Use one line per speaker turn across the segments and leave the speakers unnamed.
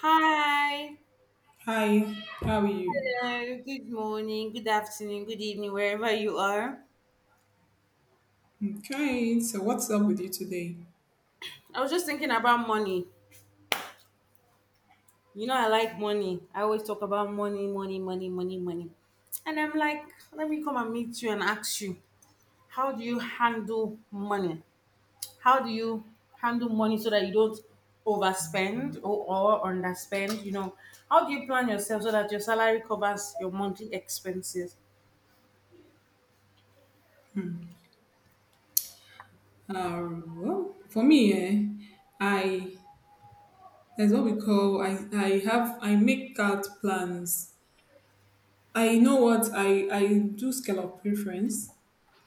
Hi.
Hi, how are you?
Hello. Good morning. Good afternoon. Good evening, wherever you are.
Okay, so what's up with you today?
I was just thinking about money. You know, I like money. I always talk about money, money, money, money, money. And I'm like, let me come and meet you and ask you, how do you handle money? How do you handle money so that you don't overspend or underspend? You know, how do you plan yourself so that your salary covers your monthly expenses?
Uh, well, for me, I that's what we call I have I make out plans. I know what I do scale of preference,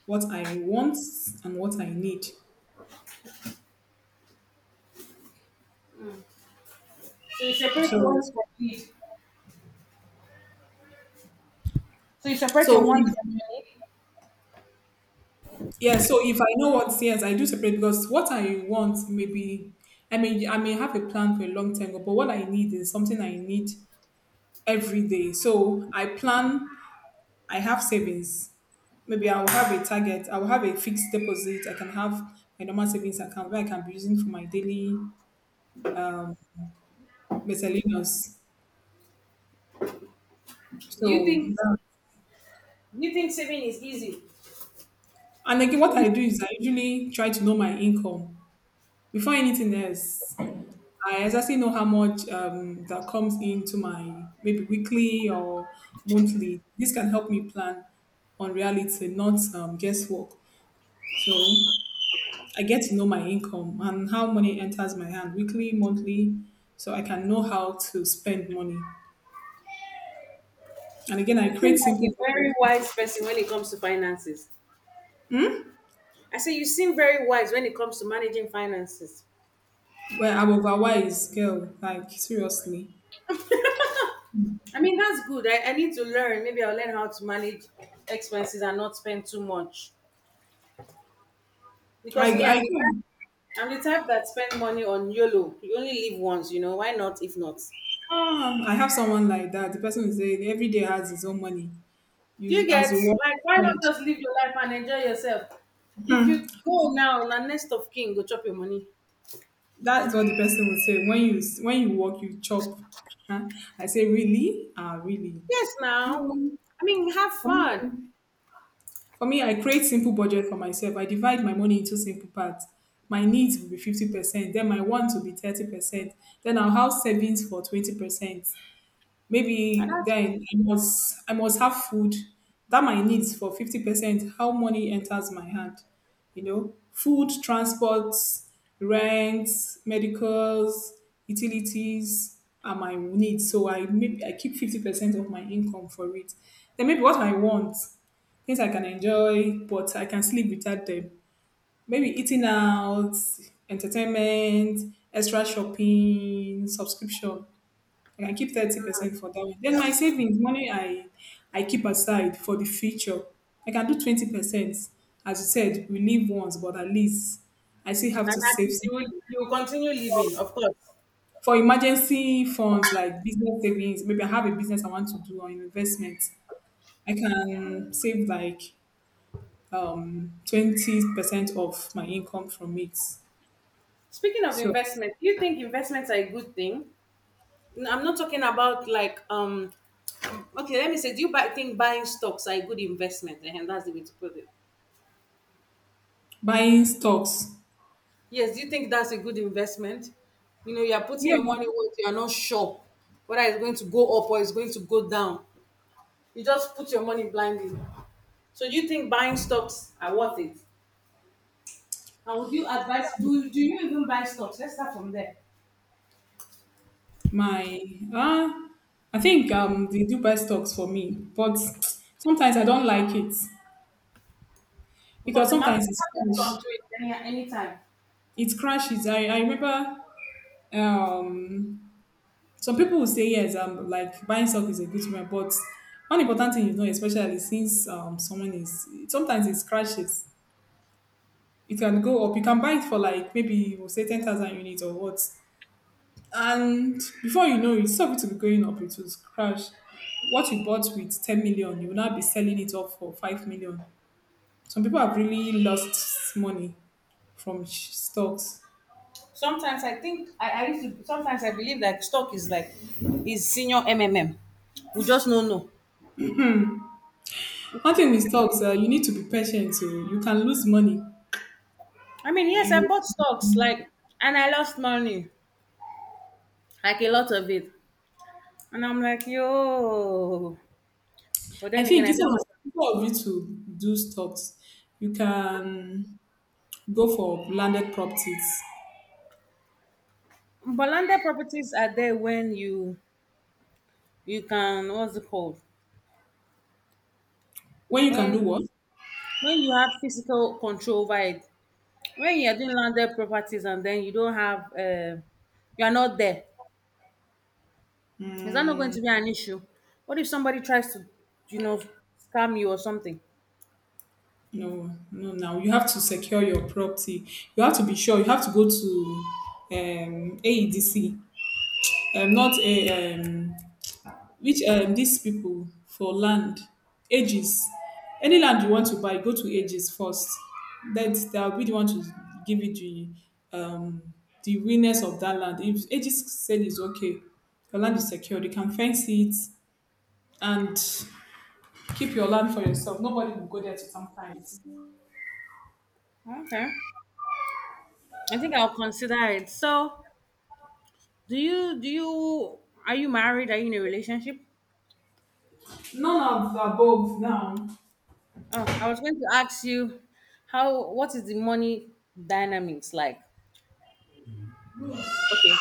what I want and what I need.
So you separate one
So
from it. So you separate your
so
one
if
from your.
yeah, so if I know what yes, I do separate because what I want maybe I mean I may have a plan for a long time, but what I need is something I need every day. So I plan I have savings. Maybe I will have a target. I will have a fixed deposit. I can have my normal savings account where I can be using for my daily miscellaneous.
Do you
So,
think do you think saving is easy?
and again, what
You
I do is I usually try to know my income before anything else. I exactly know how much that comes into my maybe weekly or monthly. This can help me plan on reality, not guesswork. So, I get to know my income and how money enters my hand weekly, monthly, so I can know how to spend money. And again,
you
I
seem
create
like
simple
a
budget
very wise person when it comes to finances. I say you seem very wise when it comes to managing finances.
where I'm overwise, girl. Like seriously,
I mean that's good. I need to learn. Maybe I'll learn how to manage expenses and not spend too much. Because me,
I
I'm the type that spend money on YOLO. You only live once, you know. Why not if not?
I have someone like that. The person will say every day has his own money.
Do
You
you
as
get
you work,
like why not
spend.
just live your life and enjoy yourself? If
Hmm.
you go now, na next of kin go chop your money.
That's what the person will say when you work, you chop. Huh? I say really, ah really.
Yes, now.
No,
I mean, have
for me,
fun.
for me, I create simple budget for myself. I divide my money into simple parts. My needs will be 50%, then my wants will be 30%, then I'll have savings for 20%.
And,
Maybe
that,
then I must have food that my needs for 50% how money enters my hand. You know, food, transport, rent, medicals, utilities are my needs. So I maybe I keep 50% of my income for it. Then maybe what I want, things I can enjoy, but I can sleep without them. Maybe eating out, entertainment, extra shopping, subscription. I can keep 30% for that one. Then my savings money I keep aside for the future. I can do 20%. As you said, we live once, but at least I still have
and
to
at
save
least you
some-
will, you will continue
for,
living, of course.
for emergency funds like business savings. Maybe I have a business I want to do or investment. I can save like 20% of my income from it.
Speaking of
So
investment, do you think investments are a good thing? No, I'm not talking about like, okay, let me say, do you buy, think buying stocks are a good investment? And that's the way to put it.
buying stocks.
Yes, do you think that's a good investment? You know, you're putting your
Yeah,
money where you're not sure whether it's going to go up or it's going to go down. You just put your money blindly. So do you think buying stocks are worth it? And would you advise, do, do you even buy stocks? Let's start from there.
My ah, I think they do best talks for me, but sometimes I don't like it
Because
because
the market
sometimes it's
market
crash.
fluctuates anytime.
It crashes. I remember um some people will say yes, like buying stock is a good one, but one important thing is not especially since someone is sometimes it crashes. It can go up. You can buy it for like maybe we'll say 10,000 units or what, and before you know it, instead of it to be going up, it will crash. What you bought with 10 million, you will now be selling it off for 5 million. Some people have really lost money from sh- stocks.
Sometimes I think, I used to, sometimes I believe that stock is like, is senior MMM. We just don't know.
One thing with stocks, you need to be patient. So you can lose money.
I mean, yes, I
You,
bought stocks, like, and I lost money, like a lot of it. And I'm like, yo. But
I
then again,
think
I tell myself,
instead of you to do stocks, you can go for landed properties.
but landed properties are there when you can what's it called
When you can do
when
what?
when you have physical control over it when you're doing landed properties and then you don't have you're not there. Is that not going to be an issue? What if somebody tries to, you know, scam you or something?
No, no, now you have to secure your property. You have to be sure. You have to go to AEDC, not a which these people for land, ages. Any land you want to buy, go to ages first. That they'll be the one to give you um, the realness of that land. If ages said it's okay, your land is secured. You can fence it and keep your land for yourself. Nobody will go there to sometimes.
Okay. I think I'll consider it. So do you are you married, are you in a relationship?
None of the above now.
Oh, I was going to ask you, how what is the money dynamics like? Okay.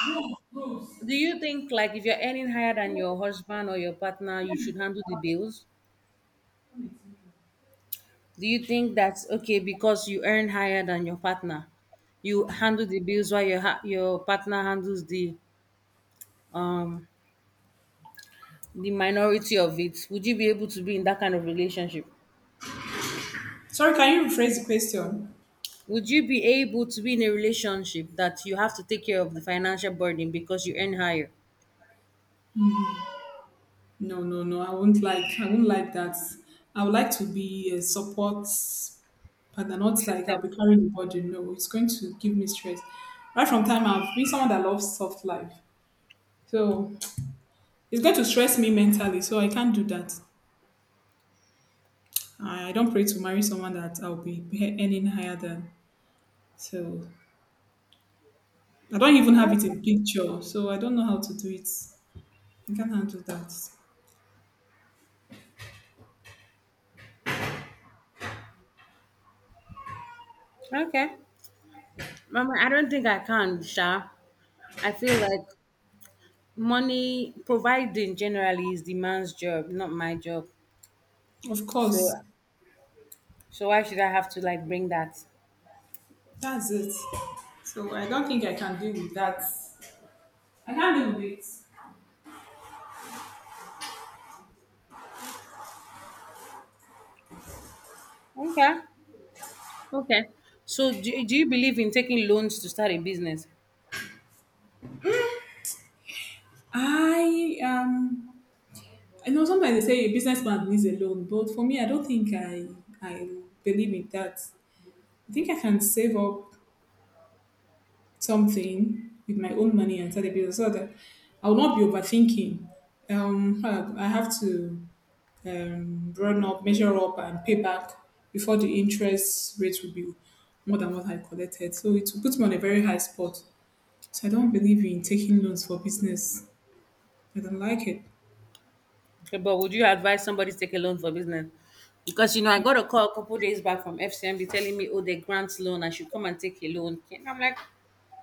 Do you think like if you're earning higher than your husband or your partner you should handle the bills? Do you think that's okay because you earn higher than your partner? You handle the bills while your your partner handles um the minority of it. Would you be able to be in that kind of relationship?
Sorry, can you rephrase the question?
Would you be able to be in a relationship that you have to take care of the financial burden because you earn higher?
No, no, no. I won't like. I won't like that. I would like to be a support partner, not like I'll
System.
be carrying the burden. No, it's going to give me stress. Right from time, I've been someone that loves soft life, so it's going to stress me mentally. So I can't do that. I don't pray to marry someone that I'll be pay- earning higher than. So I don't even have it in picture. So I don't know how to do it. I can't handle that.
Okay. Mama, I don't think I can, Sha. I feel like money providing generally is the man's job, not my job.
Of
So
course,
so why should I have to like bring that?
that's it. So I don't think I can deal with that. I can't deal with it.
Okay. Okay. So do you believe in taking loans to start a business?
I um I know sometimes they say a businessman needs a loan, but for me I don't think I believe in that. I think I can save up something with my own money and start a business so that I will not be overthinking. I have to run up, measure up and pay back before the interest rate will be more than what I collected. So it will put me on a very high spot. So I don't believe in taking loans for business. I don't like it.
Okay, but would you advise somebody to take a loan for business? Because you know, I got a call a couple days back from FCMB telling me, oh, they grant loan, I should come and take a loan. And I'm like,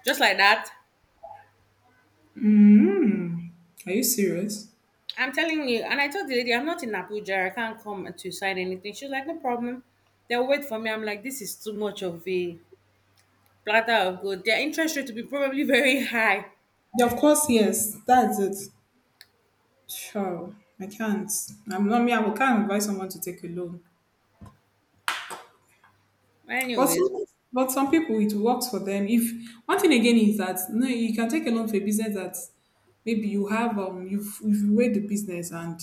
just like that.
Mm. Are you serious?
I'm telling you, and I told the lady, I'm not in Abuja, I can't come to sign anything. She's like, no problem. They'll wait for me. I'm like, this is too much of a platter of gold. Their interest rate to be probably very high.
Yeah, of course, yes. That's it. Sure. I can't. I'm not me. I will- can't advise someone to take a loan. But
Anyways,
some, but some people, it works for them. If one thing again is that no, you can take a loan for a business that maybe you have you've weighed the business and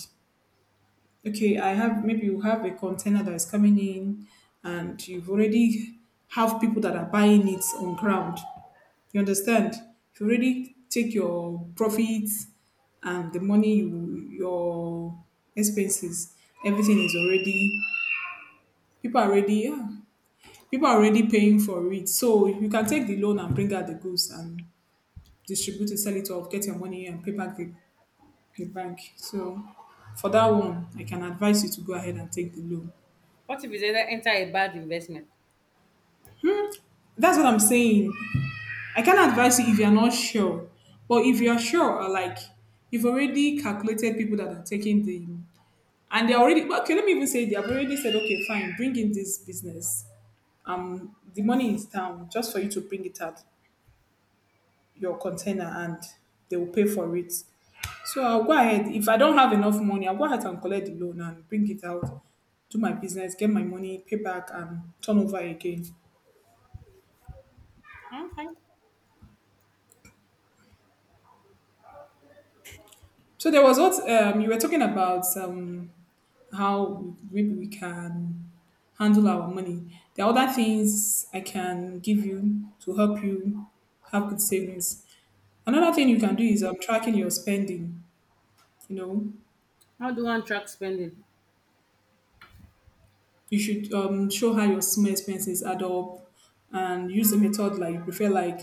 okay, I have maybe you have a container that is coming in and you've already have people that are buying it on ground. You understand? If you really take your profits and the money you your expenses, everything is already people are already yeah. People are already paying for it. So you can take the loan and bring out the goods and distribute it, sell it off, get your money and pay back the bank. So for that one, I can advise you to go ahead and take the loan.
what if it's either enter a bad investment?
That's what I'm saying. I can advise you if you're not sure. But if you're sure, or like you've already calculated people that are taking the and they're already okay let me even say they've already said okay fine bring in this business the money is down just for you to bring it out your container and they will pay for it so I'll go ahead if I don't have enough money I'll go ahead and collect the loan and bring it out do my business get my money pay back and turn over again.
Okay.
So there was what you were talking about how maybe we can handle our money. There are other things I can give you to help you have good savings. Another thing you can do is tracking your spending. You know,
How do one track spending?
you should show how your small expenses add up, and use a method like you prefer, like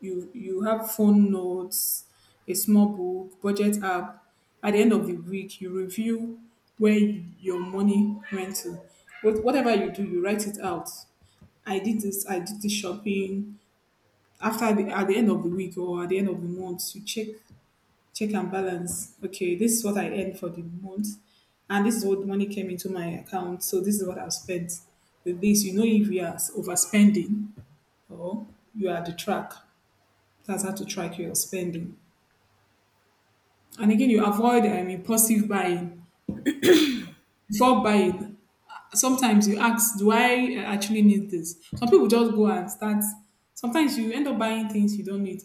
you have phone notes, a small book, budget app. At the end of the week, you review where your money went to. What whatever you do, you write it out. I did this. I did this shopping. At the end of the week or at the end of the month, you check and balance. Okay, this is what I earned for the month, and this is what money came into my account. So this is what I've spent. With this, you know if you are overspending or you are the track. That's how to track your spending. And again, you avoid impulsive buying. Before buying, sometimes you ask, "Do I actually need this?" Some people just go and start. Sometimes you end up buying things you don't need.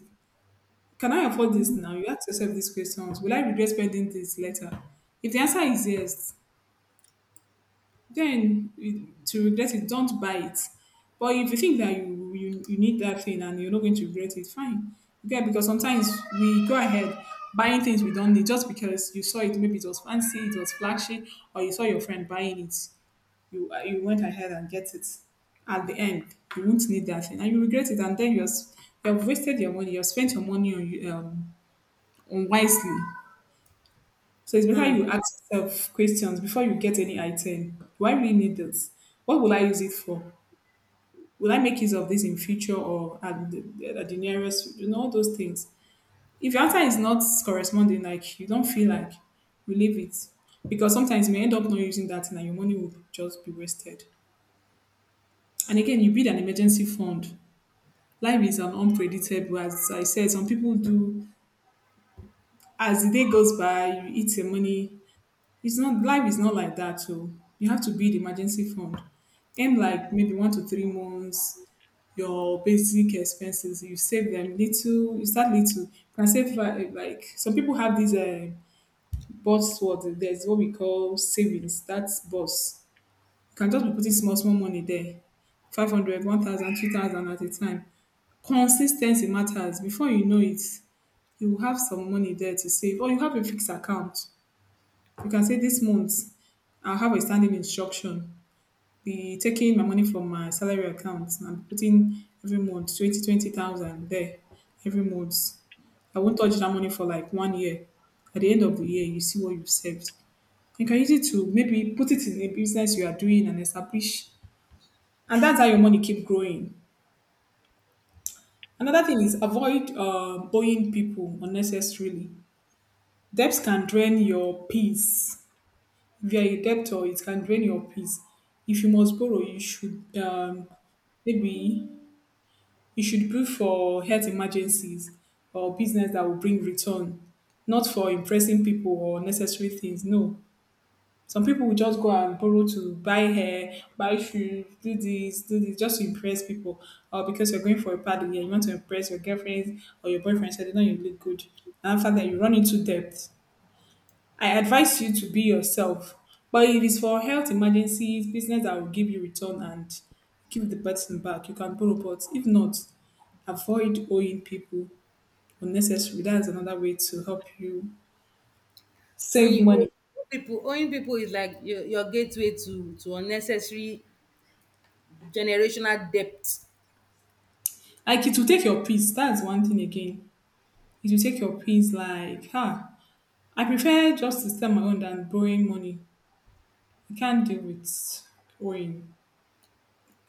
Can I afford this now? You ask yourself these questions. Will I regret spending this later? If the answer is yes, then it- to regret it, don't buy it. But if you think that you you need that thing and you're not going to regret it, fine. Okay, because sometimes we go ahead buying things we don't need just because you saw it, maybe it was fancy, it was flashy, or you saw your friend buying it. You you went ahead and get it. At the end, you won't need that thing, and you regret it, and then you're s- you've wasted your money. You've spent your money on you- unwisely. So it's better
Hmm.
you ask yourself questions before you get any item. Do I really need this? What will I use it for? Will I make use of this in future or at the nearest? You know, all those things. If your answer is not corresponding, like you don't feel like you leave it. Because sometimes you may end up not using that thing and your money will just be wasted. And again, you build an emergency fund. Life is an unpredictable, as I said, some people do. As the day goes by, you eat your money. It's not, life is not like that. So you have to build emergency fund. Aim like maybe 1 to 3 months. Your basic expenses, you save them little. You start little. You can save like some people have these bots. What, there's what we call savings. That's bots. You can just be putting small small money there. 500, 1,000, 2,000 at a time. Consistency matters. Before you know it, you will have some money there to save, or you have a fixed account. You can say this month I have a standing instruction. Be taking my money from my salary account and putting every month twenty thousand there every month. I won't touch that money for like 1 year. At the end of the year, you see what you've saved. You can use it to maybe put it in a business you are doing and establish. And that's how your money keep growing. Another thing is avoid buying people unnecessarily. Debts can drain your peace. If you are a debtor, it can drain your peace. If you must borrow, you should maybe you should pray for health emergencies or business that will bring return, not for impressing people or necessary things. No, some people will just go and borrow to buy hair, buy shoes, do this, just to impress people. Or because you're going for a party and you want to impress your girlfriend or your boyfriend, so they know you look good. And after that, you run into debt. I advise you to be yourself. But if it's for health emergencies, business that will give you return and give the person back, you can borrow. But if not, avoid owing people unnecessary. That's another way to help you
When
save
you owe
money.
owe people, owing people is like your gateway to unnecessary generational debt.
Like, it will take your peace. That's one thing again. It will take your peace. Like, huh, I prefer just to stand my own than borrowing money. I can't deal with owing.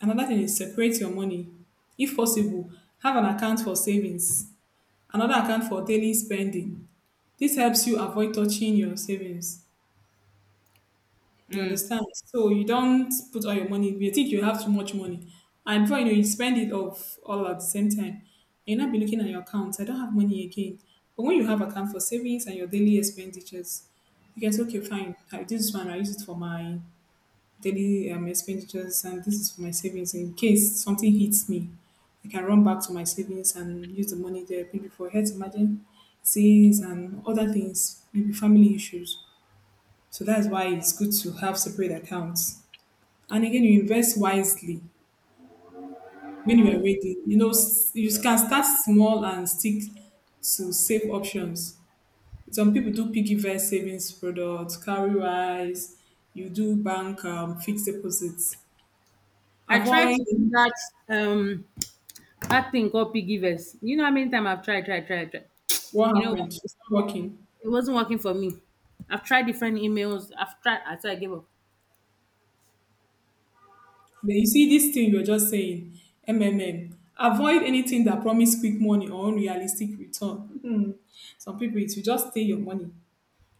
Another thing is separate your money. If possible, have an account for savings, another account for daily spending. This helps you avoid touching your savings. You
Hmm.
understand? So you don't put all your money. You think you have too much money, and before you know, you spend it off all at the same time. You'll not be looking at your account. I don't have money again. But when you have account for savings and your daily expenditures, you can say, okay, fine. This one I use it for my daily expenditures, and this is for my savings. In case something hits me, I can run back to my savings and use the money there, maybe for health emergencies and other things, maybe family issues. So that's why it's good to have separate accounts. And again, you invest wisely. When you are ready, you know, you can start small and stick to safe options. Some people do piggy bank savings products, carry rice. You do bank fixed deposits.
I tried
Avoid.
to do that um that thing called piggy verse. You know how many times I've tried.
What
You know what?
happened? It's not working.
It wasn't working for me. I've tried different emails. I've tried, until I gave up.
Then you see this thing you're just saying, MMM. Avoid anything that promise quick money or unrealistic return. Hmm. Some people, it will just steal your money.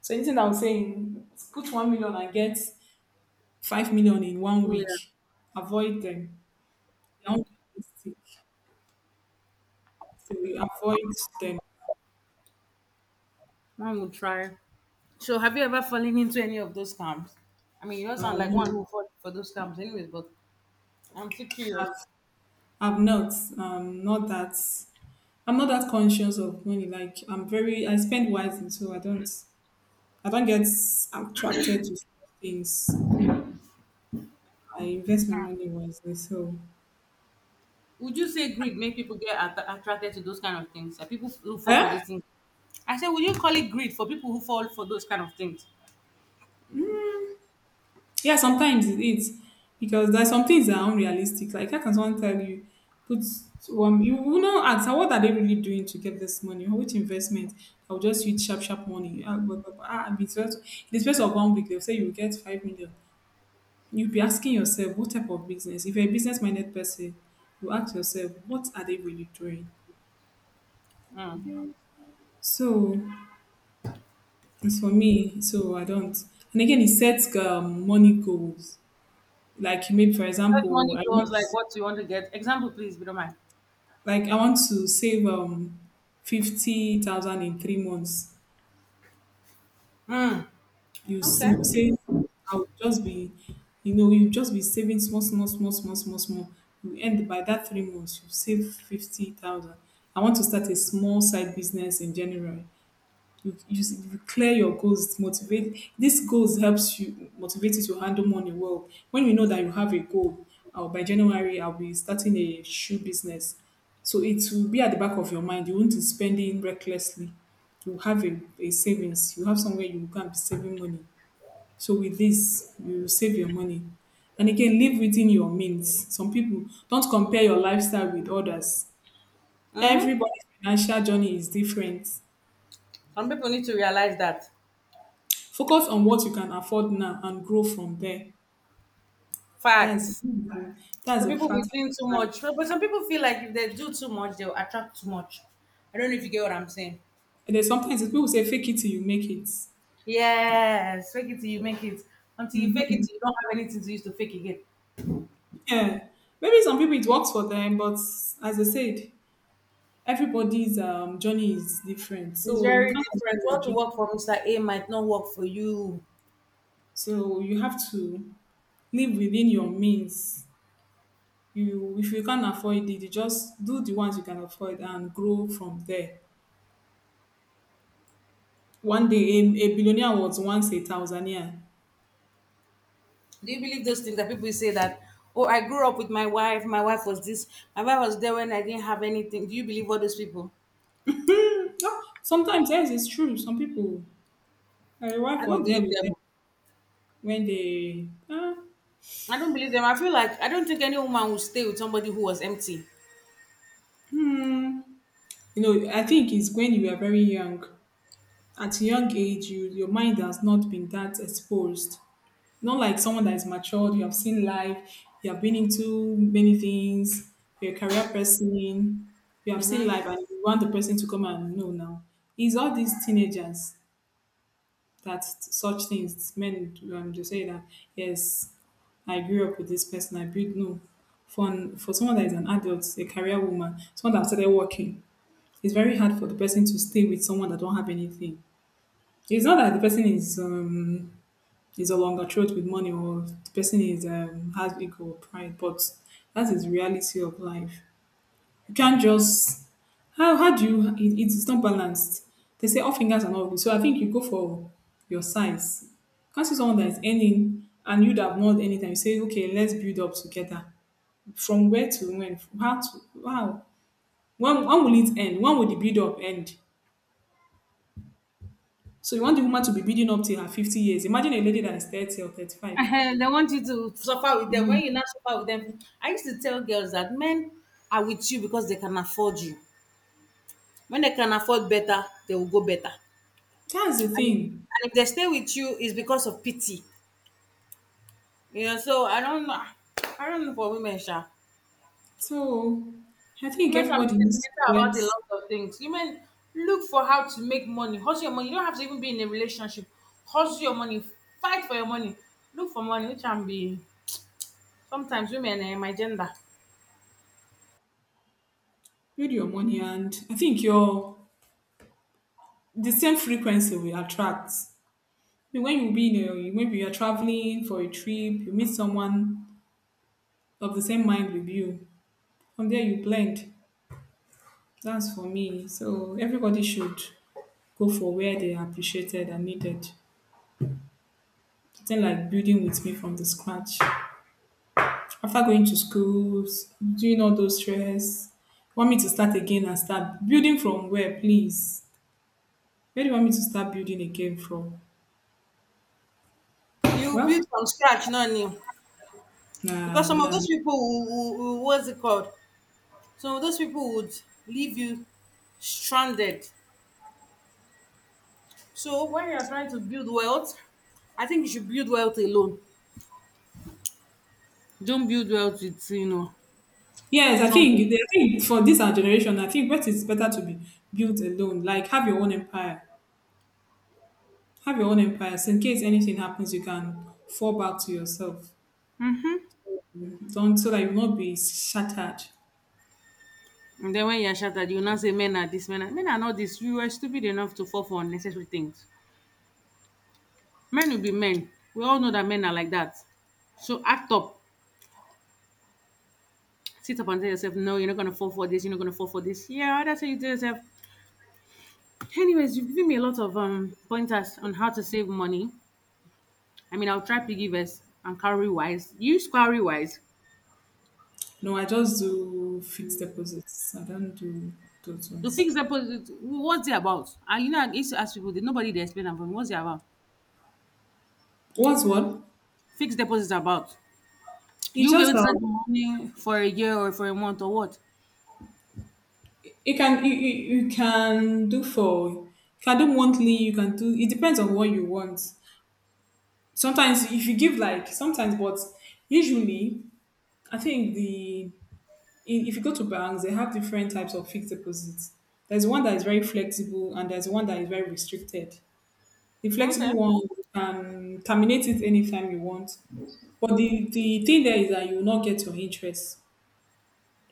So anything I was saying, put 1 million and get 5 million in 1 week.
Yeah,
Avoid them. They're unrealistic. So we avoid them.
one would try. So have you ever fallen into any of those scams? I mean, you don't sound like one
No,
who fall for those scams, anyways. But I'm still
I've,
curious.
I've not. Not that. I'm not that conscious of money. Like, I'm very. I spend wisely, so I don't. I don't get attracted to things. I invest my money wisely. So,
Would you say greed make people get attracted to those kind of things? Are people who fall for
yeah,
those things? I said, would you call it greed for people who fall for those kind of things?
yeah, sometimes it is, because there's some things that are unrealistic. Like, how can someone tell you, put one, you will not answer what are they really doing to get this money or which investment? I'll just use sharp, sharp money. Ah, blah, blah, blah. Ah, in the space of 1 week, they'll say you get 5 million. You'll be asking yourself, what type of business? If you're a business minded person, you ask yourself, what are they really doing?
Mm.
So, as for me, so I don't. And again, it sets money goals. Like maybe, for
Such
example,
money goes like what you want to get. Example, please, if you don't mind.
like I want to save 50,000 in 3 months.
Mm. Okay.
You say I'll just be, you know, you just be saving small, small, small, small, small, small. You end by that 3 months, you save 50,000. I want to start a small side business in January. you, you, you clear your goals. Motivate this goals, helps you motivate you to handle money well. When you know that you have a goal, by January I'll be starting a shoe business, so it will be at the back of your mind. You won't be spending recklessly. You have a savings, you have somewhere you can be saving money. So with this, you save your money. And again, live within your means. Some people don't, compare your lifestyle with others.
Mm-hmm.
Everybody's financial journey is different.
Some people need to realize that
Focus on what you can afford now and grow from there. That's
facts.
that's
Some
a
people be
fact of
doing too
life.
much, but some people feel like if they do too much, they'll attract too much. I don't know if you get what I'm saying.
And then sometimes people say fake it till you make it.
Yes, fake it till you make it. Until you fake it, till you don't have anything to use to fake again.
Yeah. Maybe some people it works for them, but as I said, everybody's journey is different.
It's
So you
very
can't
different.
control your
What to
journey.
work for Mr. A might not work for you.
So you have to live within your means. You, if you can't afford it, you just do the ones you can afford and grow from there. One day a billionaire was once a Tanzanian.
Do you believe those things that people say that, oh, I grew up with my wife was this, my wife was there when I didn't have anything. Do you believe all those people?
Sometimes, yes, it's true. Some people, my wife
I don't
was there
believe
with them
them.
when they, ah,
I don't believe them. I feel like I don't think any woman will stay with somebody who was empty.
hmm. You know, I think it's when you are very young. At a young age, you, your mind has not been that exposed. Not like someone that is matured. You have seen life, you have been into many things, you're a career person, you have seen
Hmm.
life and you want the person to come and know now. It's all these teenagers that such things, men, they say that yes, I grew up with this person, I built, no. For someone that is an adult, a career woman, someone that started working, it's very hard for the person to stay with someone that don't have anything. It's not that the person is a longer throat with money, or the person is has ego or pride, but that's his reality of life. You can't just, how do you, it, it's not balanced. They say all fingers are not good. So I think you go for your size. You can't see someone that is earning and you that have not anything. You say, okay, let's build up together. From where to when? From how to wow. When will it end? When will the build up end? So you want the woman to be building up till her 50 years. Imagine a lady that is 30 or 35.
They want you to suffer with them. When you not suffer with them, I used to tell girls that men are with you because they can afford you. When they can afford better, they will go better.
That's the
And,
thing.
and if they stay with you, it's because of pity. Yeah, so I don't know. I don't know for women, Sha.
So I think
Women can be
everybody needs
sentimental
to get,
about a lot of things. Women look for how to make money, hustle your money. You don't have to even be in a relationship. Hustle your money, fight for your money, look for money, which can be sometimes women eh, my gender.
build your money, and I think your, the same frequency will attract. When you be in maybe you're traveling for a trip, you meet someone of the same mind with you. From there, you blend. That's for me. So everybody should go for where they are appreciated and needed. Something like building with me from the scratch. After going to schools, doing all those stress, want me to start again and start building from where, please? Where do you want me to start building again from?
You
Well,
build from scratch, not new. Because
nah,
some of
nah.
those people who what's it called? Some of those people would leave you stranded. So when you're trying to build wealth, I think you should build wealth alone. Don't build wealth with, you know.
Yes, I
Some
think
people.
I think for this our generation, I think what is better to be built alone. Like, have your own empire. Have your own empire. So in case anything happens, you can fall back to yourself.
Mm-hmm.
Don't, so that you will not be shattered.
And then when you're shattered, you now say men are this, men are not this. You were stupid enough to fall for unnecessary things. Men will be men. We all know that men are like that. So act up. Sit up and tell yourself, no, you're not gonna fall for this, you're not gonna fall for this. Yeah, that's what you tell yourself. Anyways, you've given me a lot of pointers on how to save money. I mean, I'll try piggy vest and cowrie wise. Use cowrie wise.
No, I just do fixed deposits. I don't do those
The
ones.
fixed deposit, what's it about? And you know, I used to ask people, did nobody they explain them for me? What's it about?
What's what?
Fixed deposit is about.
It's
You'll be able
just
to save
that
the money for a year or for a month or what?
you can do, for you can do monthly, you can do, it depends on what you want. Sometimes if you give like sometimes, but usually I think if you go to banks, they have different types of fixed deposits. There's one that is very flexible and there's one that is very restricted. The
Okay.
flexible one you can terminate it anytime you want. But the thing there is that you will not get your interest.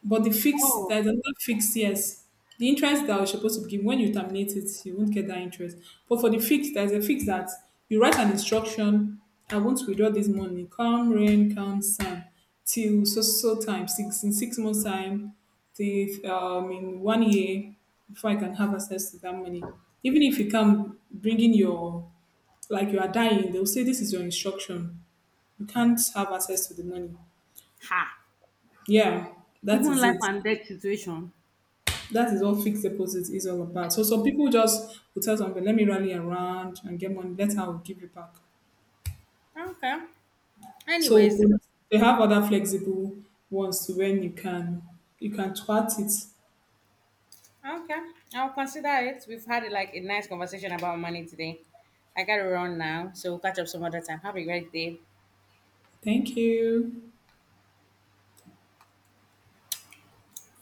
But the fixed,
Oh,
there's another fixed, yes. The interest that I was supposed to give when you terminate it, you won't get that interest. But for the fixed, there's a fixed that you write an instruction, I won't withdraw this money, come rain, come sun, till so so time, 6 months time, till in 1 year, before I can have access to that money. Even if you come bringing your, like you are dying, they'll say this is your instruction. You can't have access to the money.
ha!
Yeah, that
Even
is
life
it.
and death situation.
That is what fixed deposit is all about. So some people just will tell something, let me rally around and get money, later I'll give you back.
Okay.
So
Anyways,
but they have other flexible ones to, when you can, you can twat it.
okay. I'll consider it. We've had like a nice conversation about money today. I gotta run now, so we'll catch up some other time. Have a great day.
Thank you.